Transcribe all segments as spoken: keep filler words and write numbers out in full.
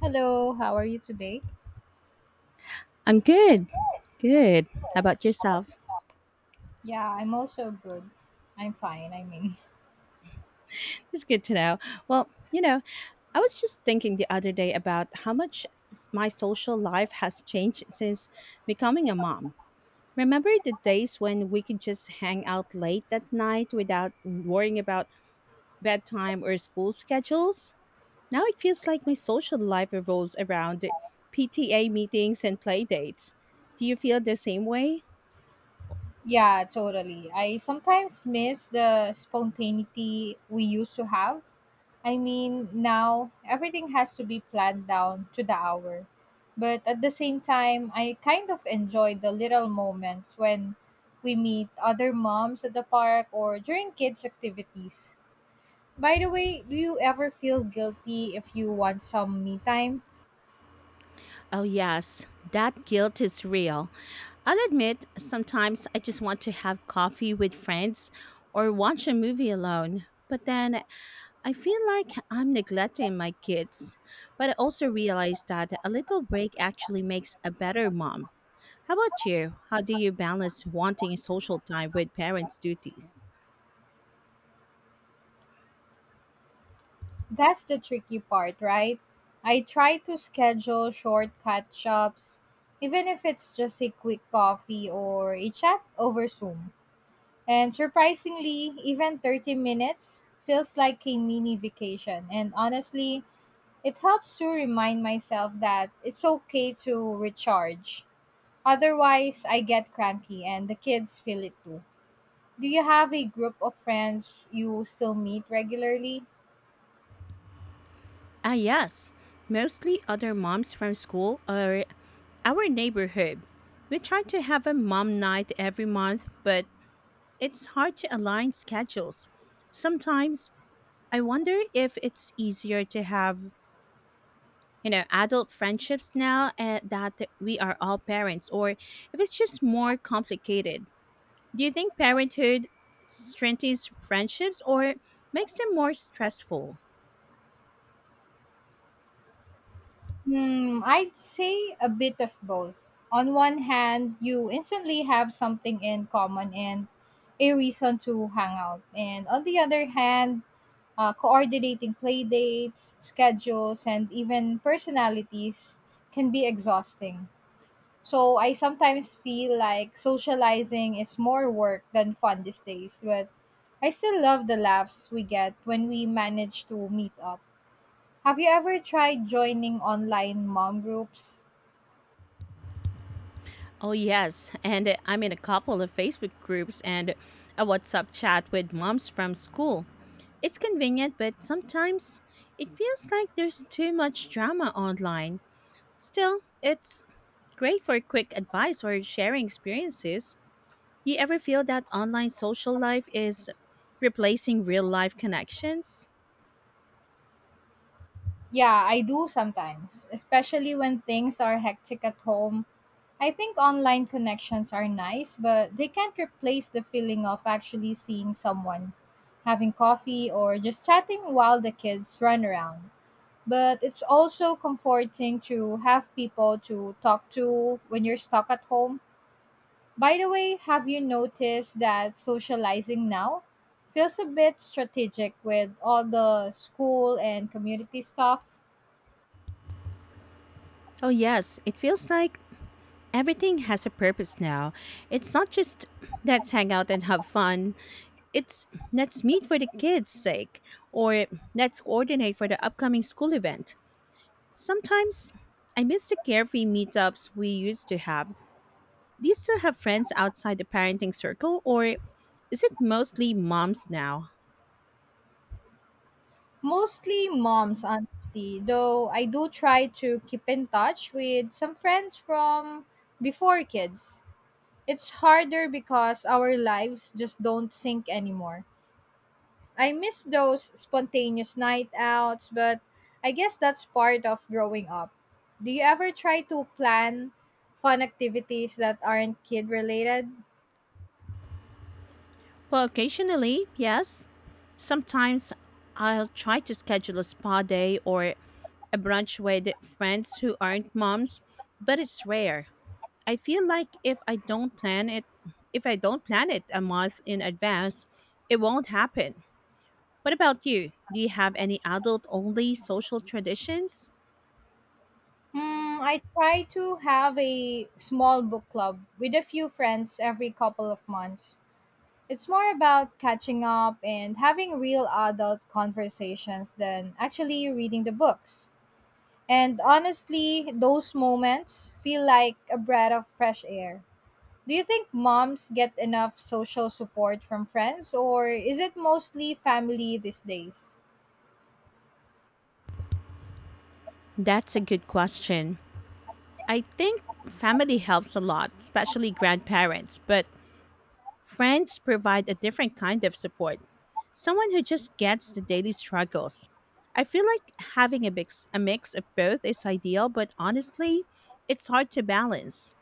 Hello, how are you today? I'm good. Good. How about yourself? Yeah, I'm also good. I'm fine, I mean. It's good to know. Well, you know, I was just thinking the other day about how much s- my social life has changed since becoming a mom. Remember the days when we could just hang out late at night without worrying about bedtime or school schedules? Now it feels like my social life revolves around P T A meetings and play dates. Do you feel the same way? Yeah, totally. I sometimes miss the spontaneity we used to have. I mean, now everything has to be planned down to the hour. But at the same time, I kind of enjoy the little moments when we meet other moms at the park or during kids' activities. By the way, do you ever feel guilty if you want some me time? Oh, yes, that guilt is real. I'll admit, sometimes I just want to have coffee with friends or watch a movie alone. But then I feel like I'm neglecting my kids. But I also realize that a little break actually makes a better mom. How about you? How do you balance wanting social time with parents' duties? That's the tricky part, right? I try to schedule short catch ups, even if it's just a quick coffee or a chat over Zoom. And surprisingly, even thirty minutes feels like a mini vacation. And honestly, it helps to remind myself that it's okay to recharge. Otherwise, I get cranky and the kids feel it too. Do you have a group of friends you still meet regularly? Ah, yes. Mostly other moms from school or our neighborhood. We try to have a mom night every month, but it's hard to align schedules. Sometimes I wonder if it's easier to have, you know, adult friendships now uh, that we are all parents or if it's just more complicated. Do you think parenthood strengthens friendships or makes them more stressful? Hmm, I'd say a bit of both. On one hand, you instantly have something in common and a reason to hang out. And on the other hand, uh, coordinating play dates, schedules, and even personalities can be exhausting. So I sometimes feel like socializing is more work than fun these days, but I still love the laughs we get when we manage to meet up. Have you ever tried joining online mom groups? Oh, yes. And uh, I'm in a couple of Facebook groups and a WhatsApp chat with moms from school. It's convenient, but sometimes it feels like there's too much drama online. Still, it's great for quick advice or sharing experiences. You ever feel that online social life is replacing real life connections? Yeah, I do sometimes, especially when things are hectic at home. I think online connections are nice, but they can't replace the feeling of actually seeing someone, having coffee, or just chatting while the kids run around. But it's also comforting to have people to talk to when you're stuck at home. By the way, have you noticed that socializing now feels a bit strategic with all the school and community stuff? Oh, yes. It feels like everything has a purpose now. It's not just let's hang out and have fun. It's let's meet for the kids' sake or let's coordinate for the upcoming school event. Sometimes I miss the carefree meetups we used to have. Do you still have friends outside the parenting circle or is it mostly moms now? Mostly moms, honestly, though I do try to keep in touch with some friends from before kids. It's harder because our lives just don't sync anymore. I miss those spontaneous night outs, but I guess that's part of growing up. Do you ever try to plan fun activities that aren't kid related? Well, occasionally, yes. Sometimes I'll try to schedule a spa day or a brunch with friends who aren't moms, but it's rare. I feel like if I don't plan it, if I don't plan it a month in advance, it won't happen. What about you? Do you have any adult only social traditions? Hmm, I try to have a small book club with a few friends every couple of months. It's more about catching up and having real adult conversations than actually reading the books. And honestly, those moments feel like a breath of fresh air. Do you think moms get enough social support from friends, or is it mostly family these days? That's a good question. I think family helps a lot, especially grandparents, but friends provide a different kind of support. Someone who just gets the daily struggles. I feel like having a mix, a mix of both is ideal, but honestly, it's hard to balance.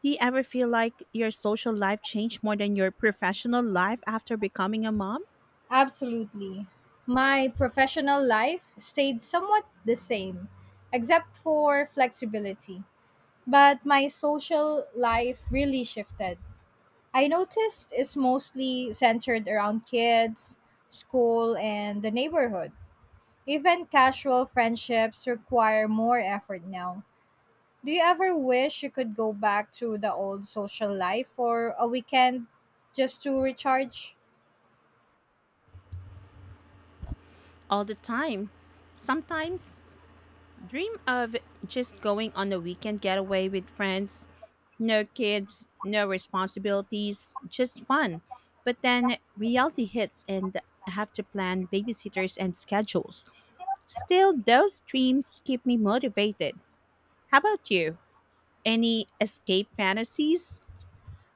Do you ever feel like your social life changed more than your professional life after becoming a mom? Absolutely. My professional life stayed somewhat the same, except for flexibility. But my social life really shifted. I noticed it's mostly centered around kids, school, and the neighborhood. Even casual friendships require more effort now. Do you ever wish you could go back to the old social life for a weekend just to recharge? All the time. Sometimes dream of just going on a weekend getaway with friends. No kids, no responsibilities, just fun. But then reality hits and I have to plan babysitters and schedules. Still, those dreams keep me motivated. How about you? Any escape fantasies?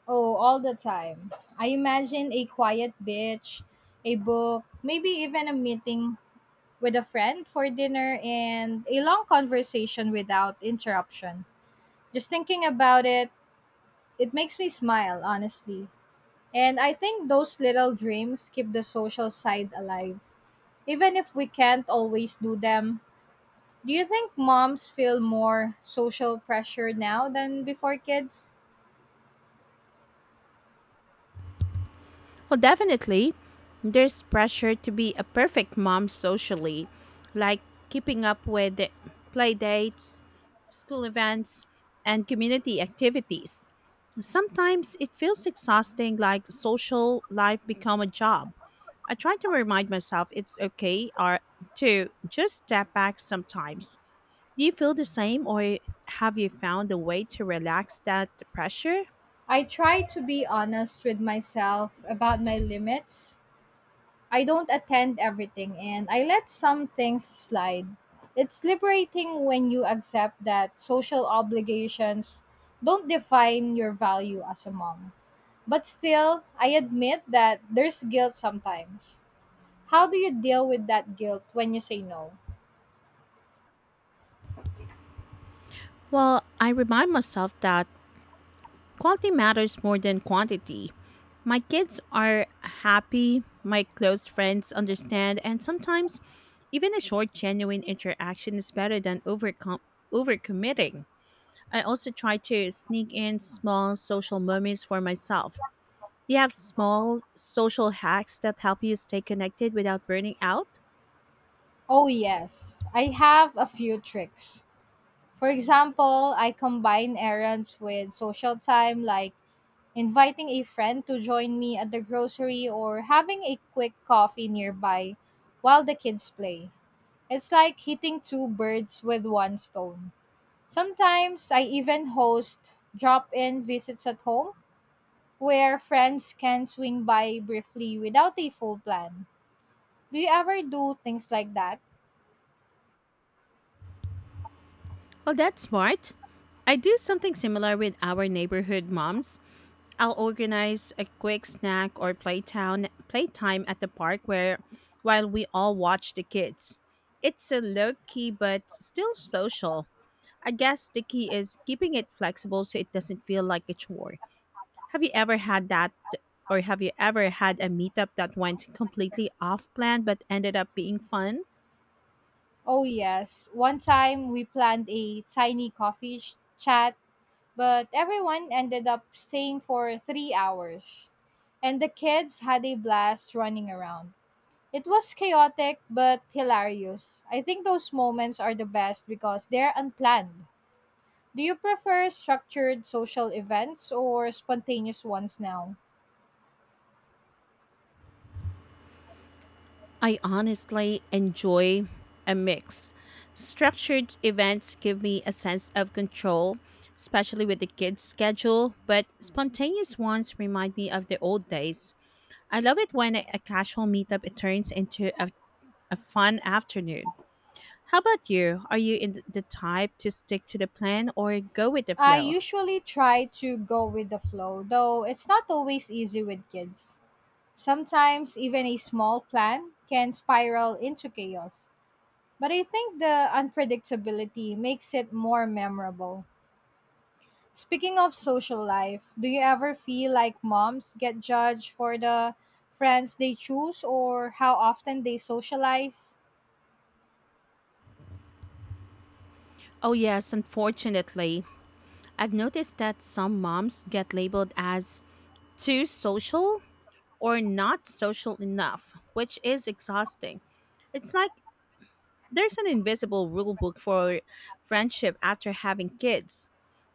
Oh, all the time. I imagine a quiet beach, a book, maybe even a meeting with a friend for dinner and a long conversation without interruption. Just thinking about it, it makes me smile, honestly. And I think those little dreams keep the social side alive. Even if we can't always do them, do you think moms feel more social pressure now than before kids? Well, definitely. There's pressure to be a perfect mom socially, like keeping up with the play dates, school events, and community activities. Sometimes it feels exhausting, like social life become a job. I try to remind myself it's okay or to just step back sometimes. Do you feel the same or have you found a way to relax that pressure? I try to be honest with myself about my limits. I don't attend everything and I let some things slide. It's liberating when you accept that social obligations don't define your value as a mom. But still, I admit that there's guilt sometimes. How do you deal with that guilt when you say no? Well, I remind myself that quality matters more than quantity. My kids are happy, my close friends understand, and sometimes even a short, genuine interaction is better than overcom- overcommitting. I also try to sneak in small social moments for myself. Do you have small social hacks that help you stay connected without burning out? Oh, yes. I have a few tricks. For example, I combine errands with social time, like inviting a friend to join me at the grocery or having a quick coffee nearby while the kids play. It's like hitting two birds with one stone. Sometimes I even host drop in visits at home where friends can swing by briefly without a full plan. Do you ever do things like that? Well, that's smart. I do something similar with our neighborhood moms. I'll organize a quick snack or playtown playtime at the park where while we all watch the kids. It's a low key but still social. I guess the key is keeping it flexible so it doesn't feel like a chore. Have you ever had that or have you ever had a meetup that went completely off plan but ended up being fun? Oh, yes. One time we planned a tiny coffee sh- chat but everyone ended up staying for three hours. And the kids had a blast running around. It was chaotic but hilarious. I think those moments are the best because they're unplanned. Do you prefer structured social events or spontaneous ones now? I honestly enjoy a mix. Structured events give me a sense of control, especially with the kids' schedule, but spontaneous ones remind me of the old days. I love it when a a casual meetup it turns into a, a fun afternoon. How about you? Are you in th- the type to stick to the plan or go with the I flow? usually try to go with the flow, though it's not always easy with kids. Sometimes even a small plan can spiral into chaos. But I think the unpredictability makes it more memorable. Speaking of social life, do you ever feel like moms get judged for the friends they choose or how often they socialize? Oh, yes, unfortunately. I've noticed that some moms get labeled as too social or not social enough, which is exhausting. It's like there's an invisible rule book for friendship after having kids.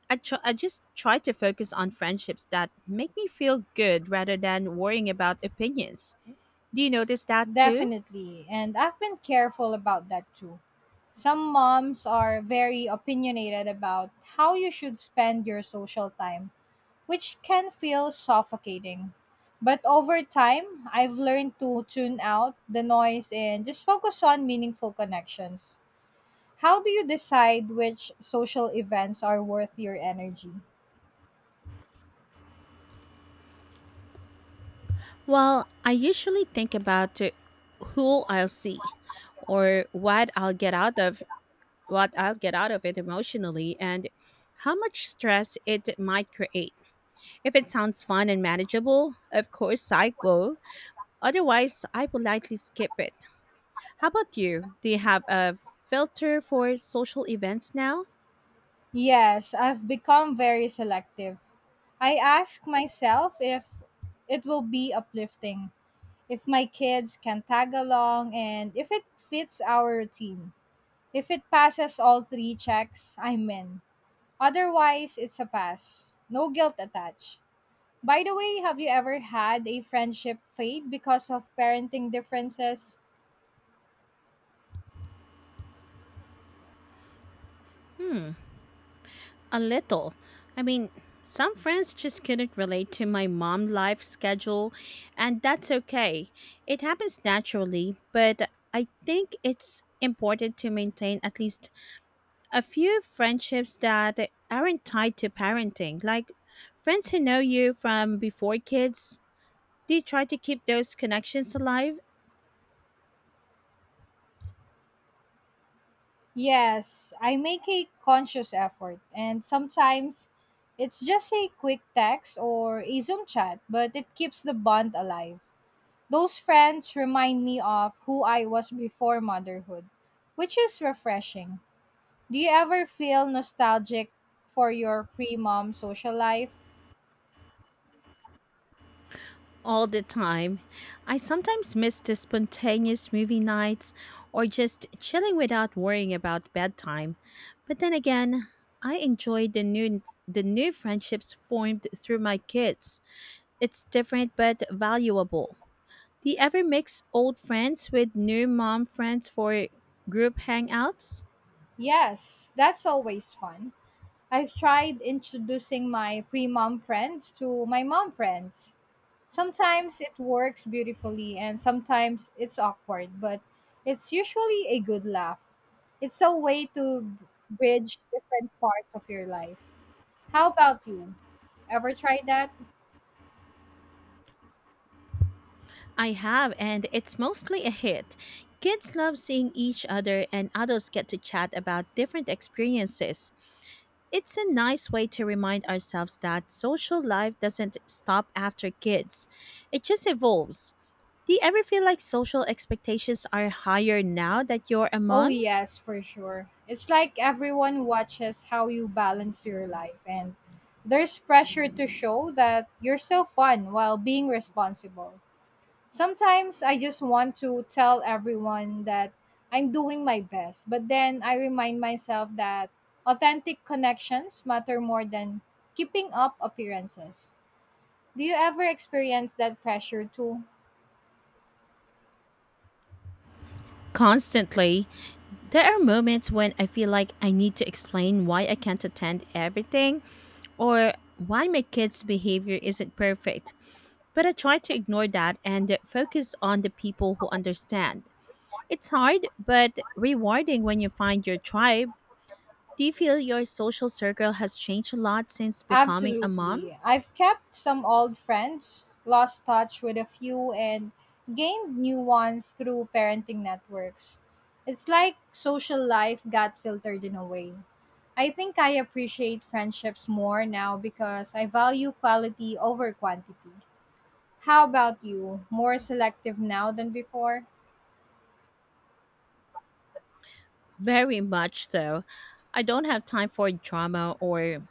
I, tr- I just try to focus on friendships that make me feel good rather than worrying about opinions. Do you notice that too? Definitely. And I've been careful about that too. Some moms are very opinionated about how you should spend your social time, which can feel suffocating. But over time, I've learned to tune out the noise and just focus on meaningful connections. How do you decide which social events are worth your energy? Well, I usually think about uh, who I'll see or what I'll get out of what I'll get out of it emotionally and how much stress it might create. If it sounds fun and manageable, of course I go. Otherwise, I politely skip it. How about you? Do you have a filter for social events now? Yes, I've become very selective. I ask myself if it will be uplifting, if my kids can tag along, and if it fits our routine. If it passes all three checks, I'm in. Otherwise, it's a pass. No guilt attached. By the way, have you ever had a friendship fade because of parenting differences? Hmm, a little. I mean, some friends just couldn't relate to my mom life schedule, and that's okay. It happens naturally, but I think it's important to maintain at least a few friendships that aren't tied to parenting, like friends who know you from before kids. They try to keep those connections alive Yes, I make a conscious effort, and sometimes it's just a quick text or a Zoom chat, but it keeps the bond alive. Those friends remind me of who I was before motherhood, which is refreshing. Do you ever feel nostalgic for your pre mom social life? all the time. I sometimes miss the spontaneous movie nights or just chilling without worrying about bedtime. But then again, I enjoy the new the new friendships formed through my kids. It's different but valuable. Do you ever mix old friends with new mom friends for group hangouts? Yes, that's always fun. I've tried introducing my pre mom friends to my mom friends. Sometimes it works beautifully and sometimes it's awkward, but it's usually a good laugh. It's a way to bridge different parts of your life. How about you? Ever tried that? I have, and it's mostly a hit. Kids love seeing each other, and adults get to chat about different experiences. It's a nice way to remind ourselves that social life doesn't stop after kids, it just evolves. Do you ever feel like social expectations are higher now that you're a Oh, mom? yes, for sure. It's like everyone watches how you balance your life, and there's pressure to show that you're still fun while being responsible. Sometimes I just want to tell everyone that I'm doing my best, but then I remind myself that authentic connections matter more than keeping up appearances. Do you ever experience that pressure too? Constantly. There are moments when I feel like I need to explain why I can't attend everything or why my kids' behavior isn't perfect. But I try to ignore that and focus on the people who understand. It's hard, but rewarding when you find your tribe. Do you feel your social circle has changed a lot since becoming a mom? Absolutely. I've kept some old friends, lost touch with a few, and gained new ones through parenting networks. It's like social life got filtered in a way. I think I appreciate friendships more now because I value quality over quantity. How about you? More selective now than before? Very much so. I don't have time for drama or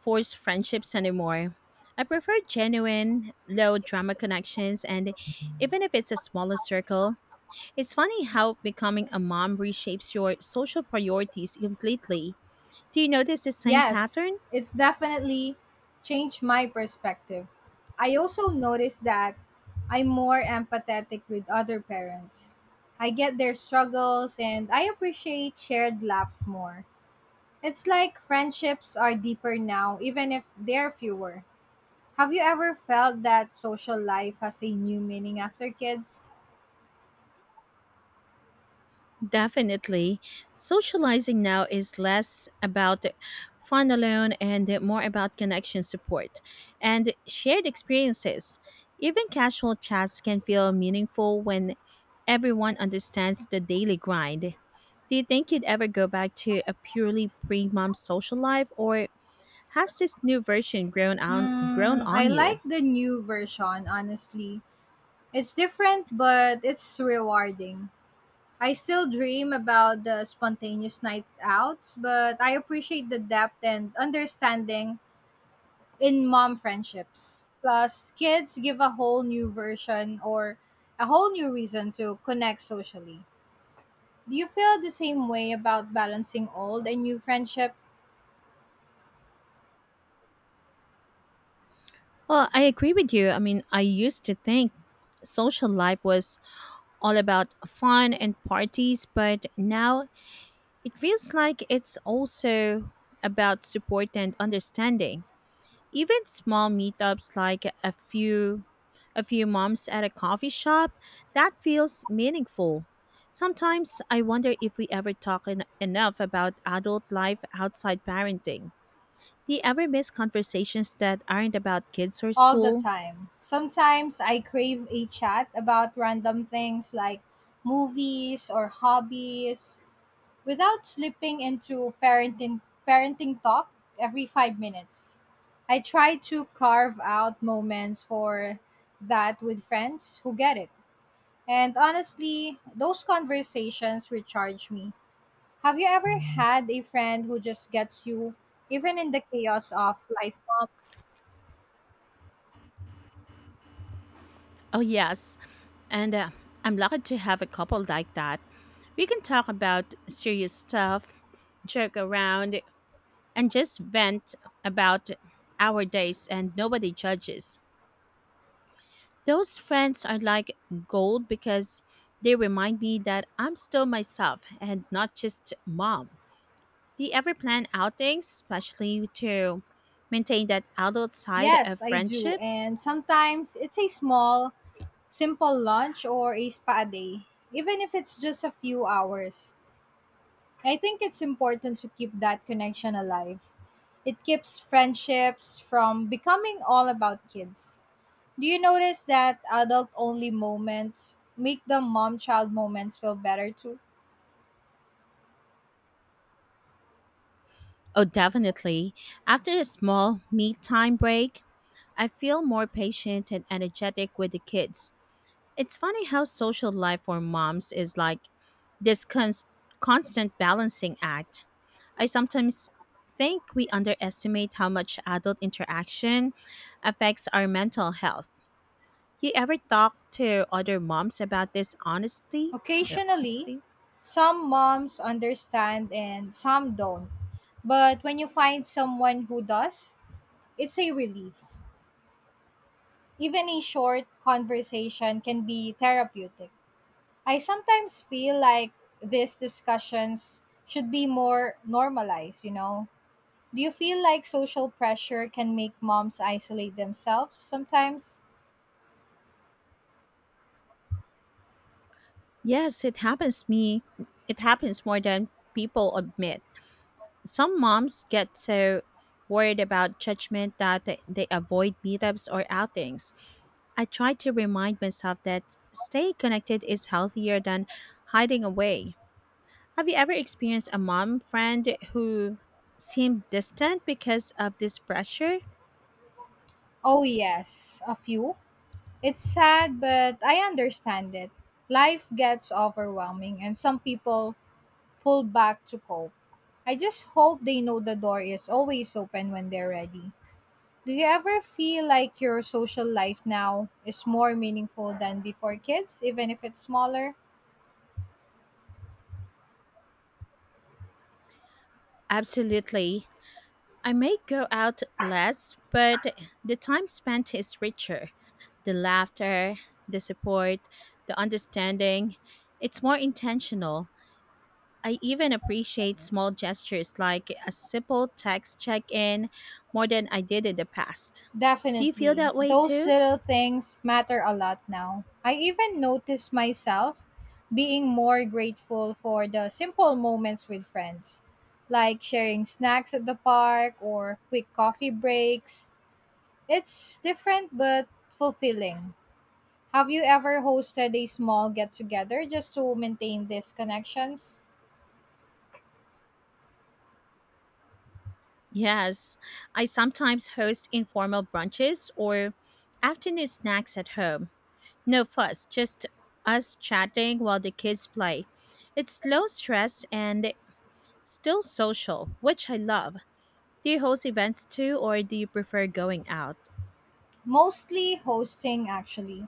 forced friendships anymore. I prefer genuine, low drama connections, and even if it's a smaller circle, it's funny how becoming a mom reshapes your social priorities completely. Do you notice the same Yes, pattern? it's definitely changed my perspective. I also noticed that I'm more empathetic with other parents. I get their struggles and I appreciate shared laughs more. It's like friendships are deeper now, even if they're fewer. Have you ever felt that social life has a new meaning after kids? Definitely. Socializing now is less about fun alone and more about connection support and shared experiences. Even casual chats can feel meaningful when everyone understands the daily grind. Do you think you'd ever go back to a purely pre mom social life or has this new version grown on grown Mm, I on you? like the new version, honestly. It's different, but it's rewarding. I still dream about the spontaneous night outs, but I appreciate the depth and understanding in mom friendships. Plus, kids give a whole new version or a whole new reason to connect socially. Do you feel the same way about balancing old and new friendship Well, I agree with you. I mean, I used to think social life was all about fun and parties, but now it feels like it's also about support and understanding. Even small meetups like a few a few moms at a coffee shop, that feels meaningful. Sometimes I wonder if we ever talk en- enough about adult life outside parenting. Do you ever miss conversations that aren't about kids or all the school? time? Sometimes I crave a chat about random things like movies or hobbies without slipping into parenting parenting talk every five minutes. I try to carve out moments for that with friends who get it. And honestly, those conversations recharge me. Have you ever had a friend who just gets you even in the chaos of life, mom? Oh, yes. And uh, I'm lucky to have a couple like that. We can talk about serious stuff, joke around, and just vent about our days, and nobody judges. Those friends are like gold because they remind me that I'm still myself and not just mom. Do you ever plan outings, especially to maintain that adult side Yes, of I do. friendship? And sometimes it's a small, simple lunch or a spa day, even if it's just a few hours. I think it's important to keep that connection alive. It keeps friendships from becoming all about kids. Do you notice that adult only moments make the mom child moments feel better too? Oh, definitely. After a small me time break, I feel more patient and energetic with the kids. It's funny how social life for moms is like this cons- constant balancing act. I sometimes think we underestimate how much adult interaction affects our mental health. You ever talk to other moms about this honestly? No, Occasionally, honestly? some moms understand and some don't. But when you find someone who does, it's a relief. Even a short conversation can be therapeutic. I sometimes feel like these discussions should be more normalized, you know? Do you feel like social pressure can make moms isolate themselves sometimes? Yes, it happens me. It happens more than people admit. Some moms get so worried about judgment that th- they avoid meetups or outings. I try to remind myself that staying connected is healthier than hiding away. Have you ever experienced a mom friend who seemed distant because of this pressure? Oh, yes, a few. It's sad, but I understand it. Life gets overwhelming, and some people pull back to cope. I just hope they know the door is always open when they're ready. Do you ever feel like your social life now is more meaningful than before kids, even if it's smaller? Absolutely. I may go out less, but the time spent is richer. The laughter, the support, the understanding, it's more intentional. I even appreciate small gestures like a simple text check in more than I did in the past. Do you feel Definitely. that way Those too? little things matter a lot now. I even notice myself being more grateful for the simple moments with friends, like sharing snacks at the park or quick coffee breaks. It's different but fulfilling. Have you ever hosted a small get together just to maintain these connections? Yes, I sometimes host informal brunches or afternoon snacks at home. No fuss, just us chatting while the kids play. It's low stress and still social, which I love. Do you host events too, or do you prefer going out? Mostly hosting, actually.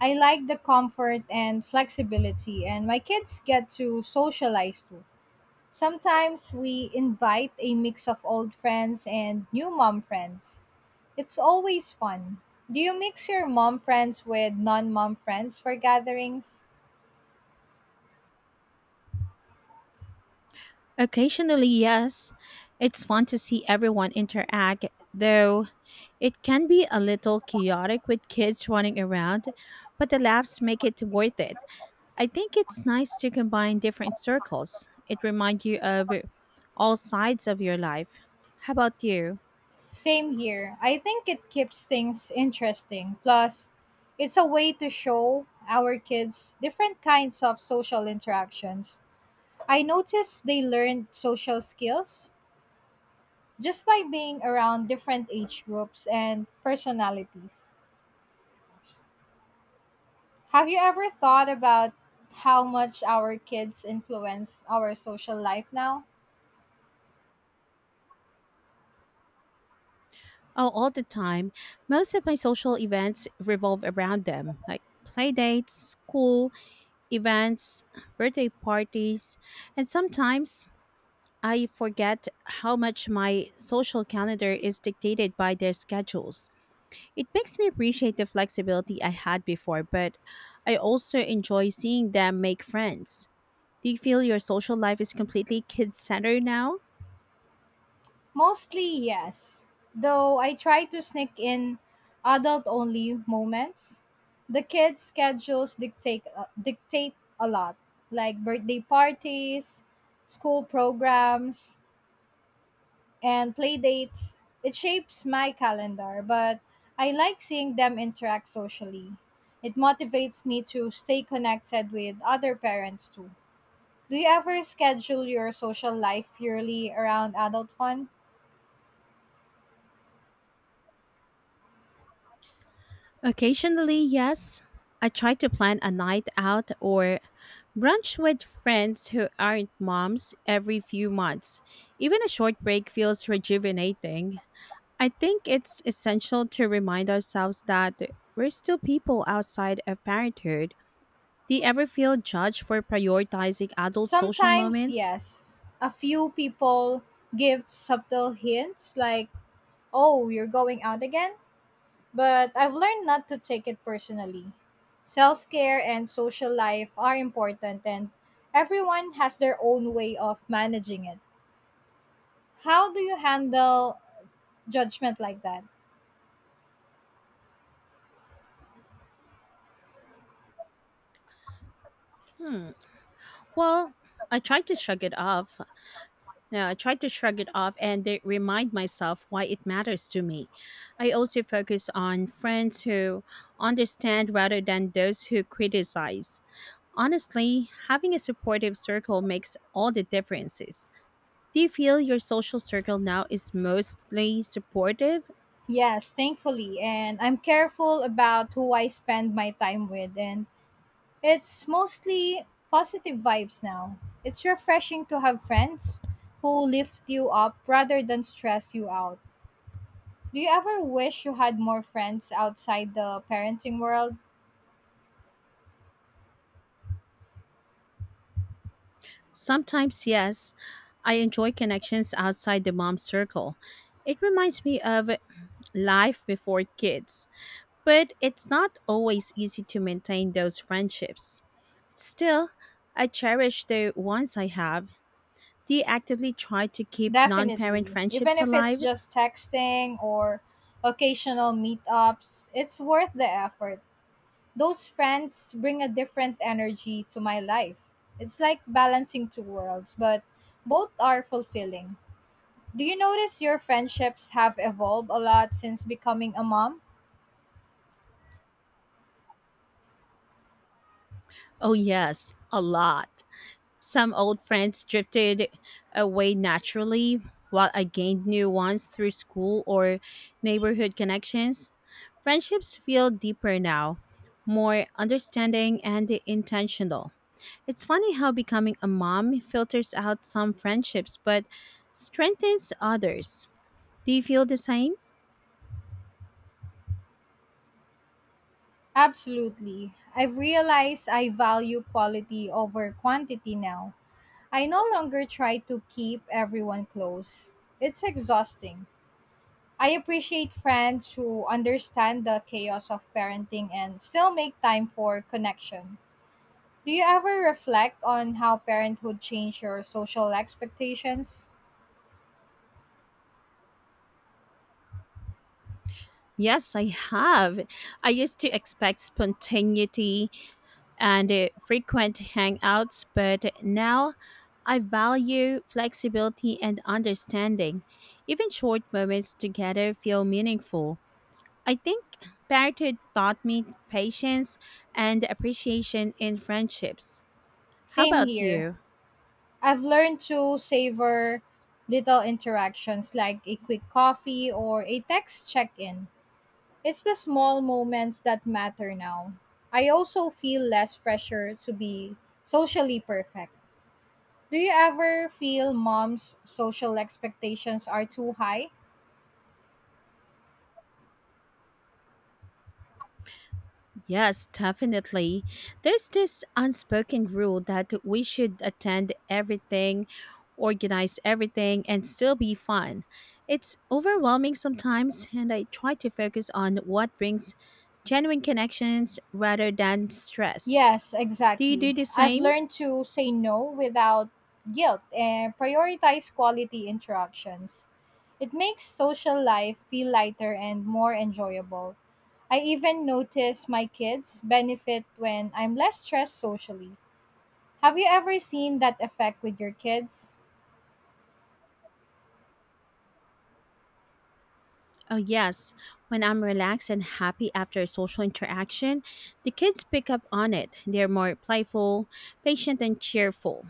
I like the comfort and flexibility, and my kids get to socialize too. Sometimes we invite a mix of old friends and new mom friends. It's always fun. Do you mix your mom friends with non mom friends for gatherings? Occasionally, yes, it's fun to see everyone interact, though it can be a little chaotic with kids running around, but the laughs make it worth it. I think it's nice to combine different circles. It reminds you of all sides of your life. How about you? Same here. I think it keeps things interesting. Plus, it's a way to show our kids different kinds of social interactions. I noticed they learned social skills just by being around different age groups and personalities. Have you ever thought about how much our kids influence our social life now? Oh, all the time. Most of my social events revolve around them, like play dates, school events, birthday parties, and sometimes I forget how much my social calendar is dictated by their schedules. It makes me appreciate the flexibility I had before, but I also enjoy seeing them make friends. Do you feel your social life is completely kid centered now? Mostly, yes. Though I try to sneak in adult only moments, the kids' schedules dictate, uh, dictate a lot, like birthday parties, school programs, and play dates. It shapes my calendar, but I like seeing them interact socially. It motivates me to stay connected with other parents too. Do you ever schedule your social life purely around adult fun? Occasionally, yes. I try to plan a night out or brunch with friends who aren't moms every few months. Even a short break feels rejuvenating. I think it's essential to remind ourselves that we're still people outside of parenthood. Do you ever feel judged for prioritizing adult social Sometimes, moments? yes. A few people give subtle hints like, oh, you're going out again? But I've learned not to take it personally. Self care and social life are important, and everyone has their own way of managing it. How do you handle judgment like that? Hmm. Well, I try to shrug it off, Now, I try to shrug it off and de- remind myself why it matters to me. I also focus on friends who understand rather than those who criticize. Honestly, having a supportive circle makes all the differences. Do you feel your social circle now is mostly supportive? Yes, thankfully. And I'm careful about who I spend my time with. And it's mostly positive vibes now. It's refreshing to have friends who lift you up rather than stress you out. Do you ever wish you had more friends outside the parenting world? Sometimes, yes. I enjoy connections outside the mom circle. It reminds me of life before kids. But it's not always easy to maintain those friendships. Still, I cherish the ones I have. Do you actively try to keep non parent Definitely. Even friendships if it's alive? just texting or occasional meetups, it's worth the effort. Those friends bring a different energy to my life. It's like balancing two worlds, but both are fulfilling. Do you notice your friendships have evolved a lot since becoming a mom? Oh, yes, a lot. Some old friends drifted away naturally, while I gained new ones through school or neighborhood connections. Friendships feel deeper now, more understanding and intentional. It's funny how becoming a mom filters out some friendships but strengthens others. Do you feel the same? Absolutely. I've realized I value quality over quantity now. I no longer try to keep everyone close. It's exhausting. I appreciate friends who understand the chaos of parenting and still make time for connection. Do you ever reflect on how parenthood changed your social expectations? Yes, I have. I used to expect spontaneity and uh, frequent hangouts, but now I value flexibility and understanding. Even short moments together feel meaningful. I think parenthood taught me patience and appreciation in friendships. How Same about here. you? I've learned to savor little interactions like a quick coffee or a text check in. It's the small moments that matter now. I also feel less pressure to be socially perfect. Do you ever feel mom's social expectations are too high? Yes, definitely. There's this unspoken rule that we should attend everything, organize everything, and still be fun. It's overwhelming sometimes, and I try to focus on what brings genuine connections rather than stress. Yes, Do you do exactly. the I've same? learned to say no without guilt and prioritize quality interactions. It makes social life feel lighter and more enjoyable. I even notice my kids benefit when I'm less stressed socially. Have you ever seen that effect with your kids? Oh, yes. When I'm relaxed and happy after a social interaction, the kids pick up on it. They're more playful, patient, and cheerful.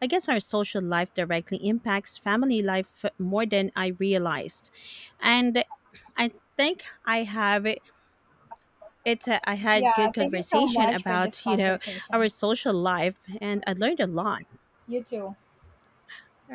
I guess our social life directly impacts family life more than I realized. And I think I have it. It's a, I had Yeah, good thank you so conversation much for this about you know our conversation. social life, and I learned a lot. You too. All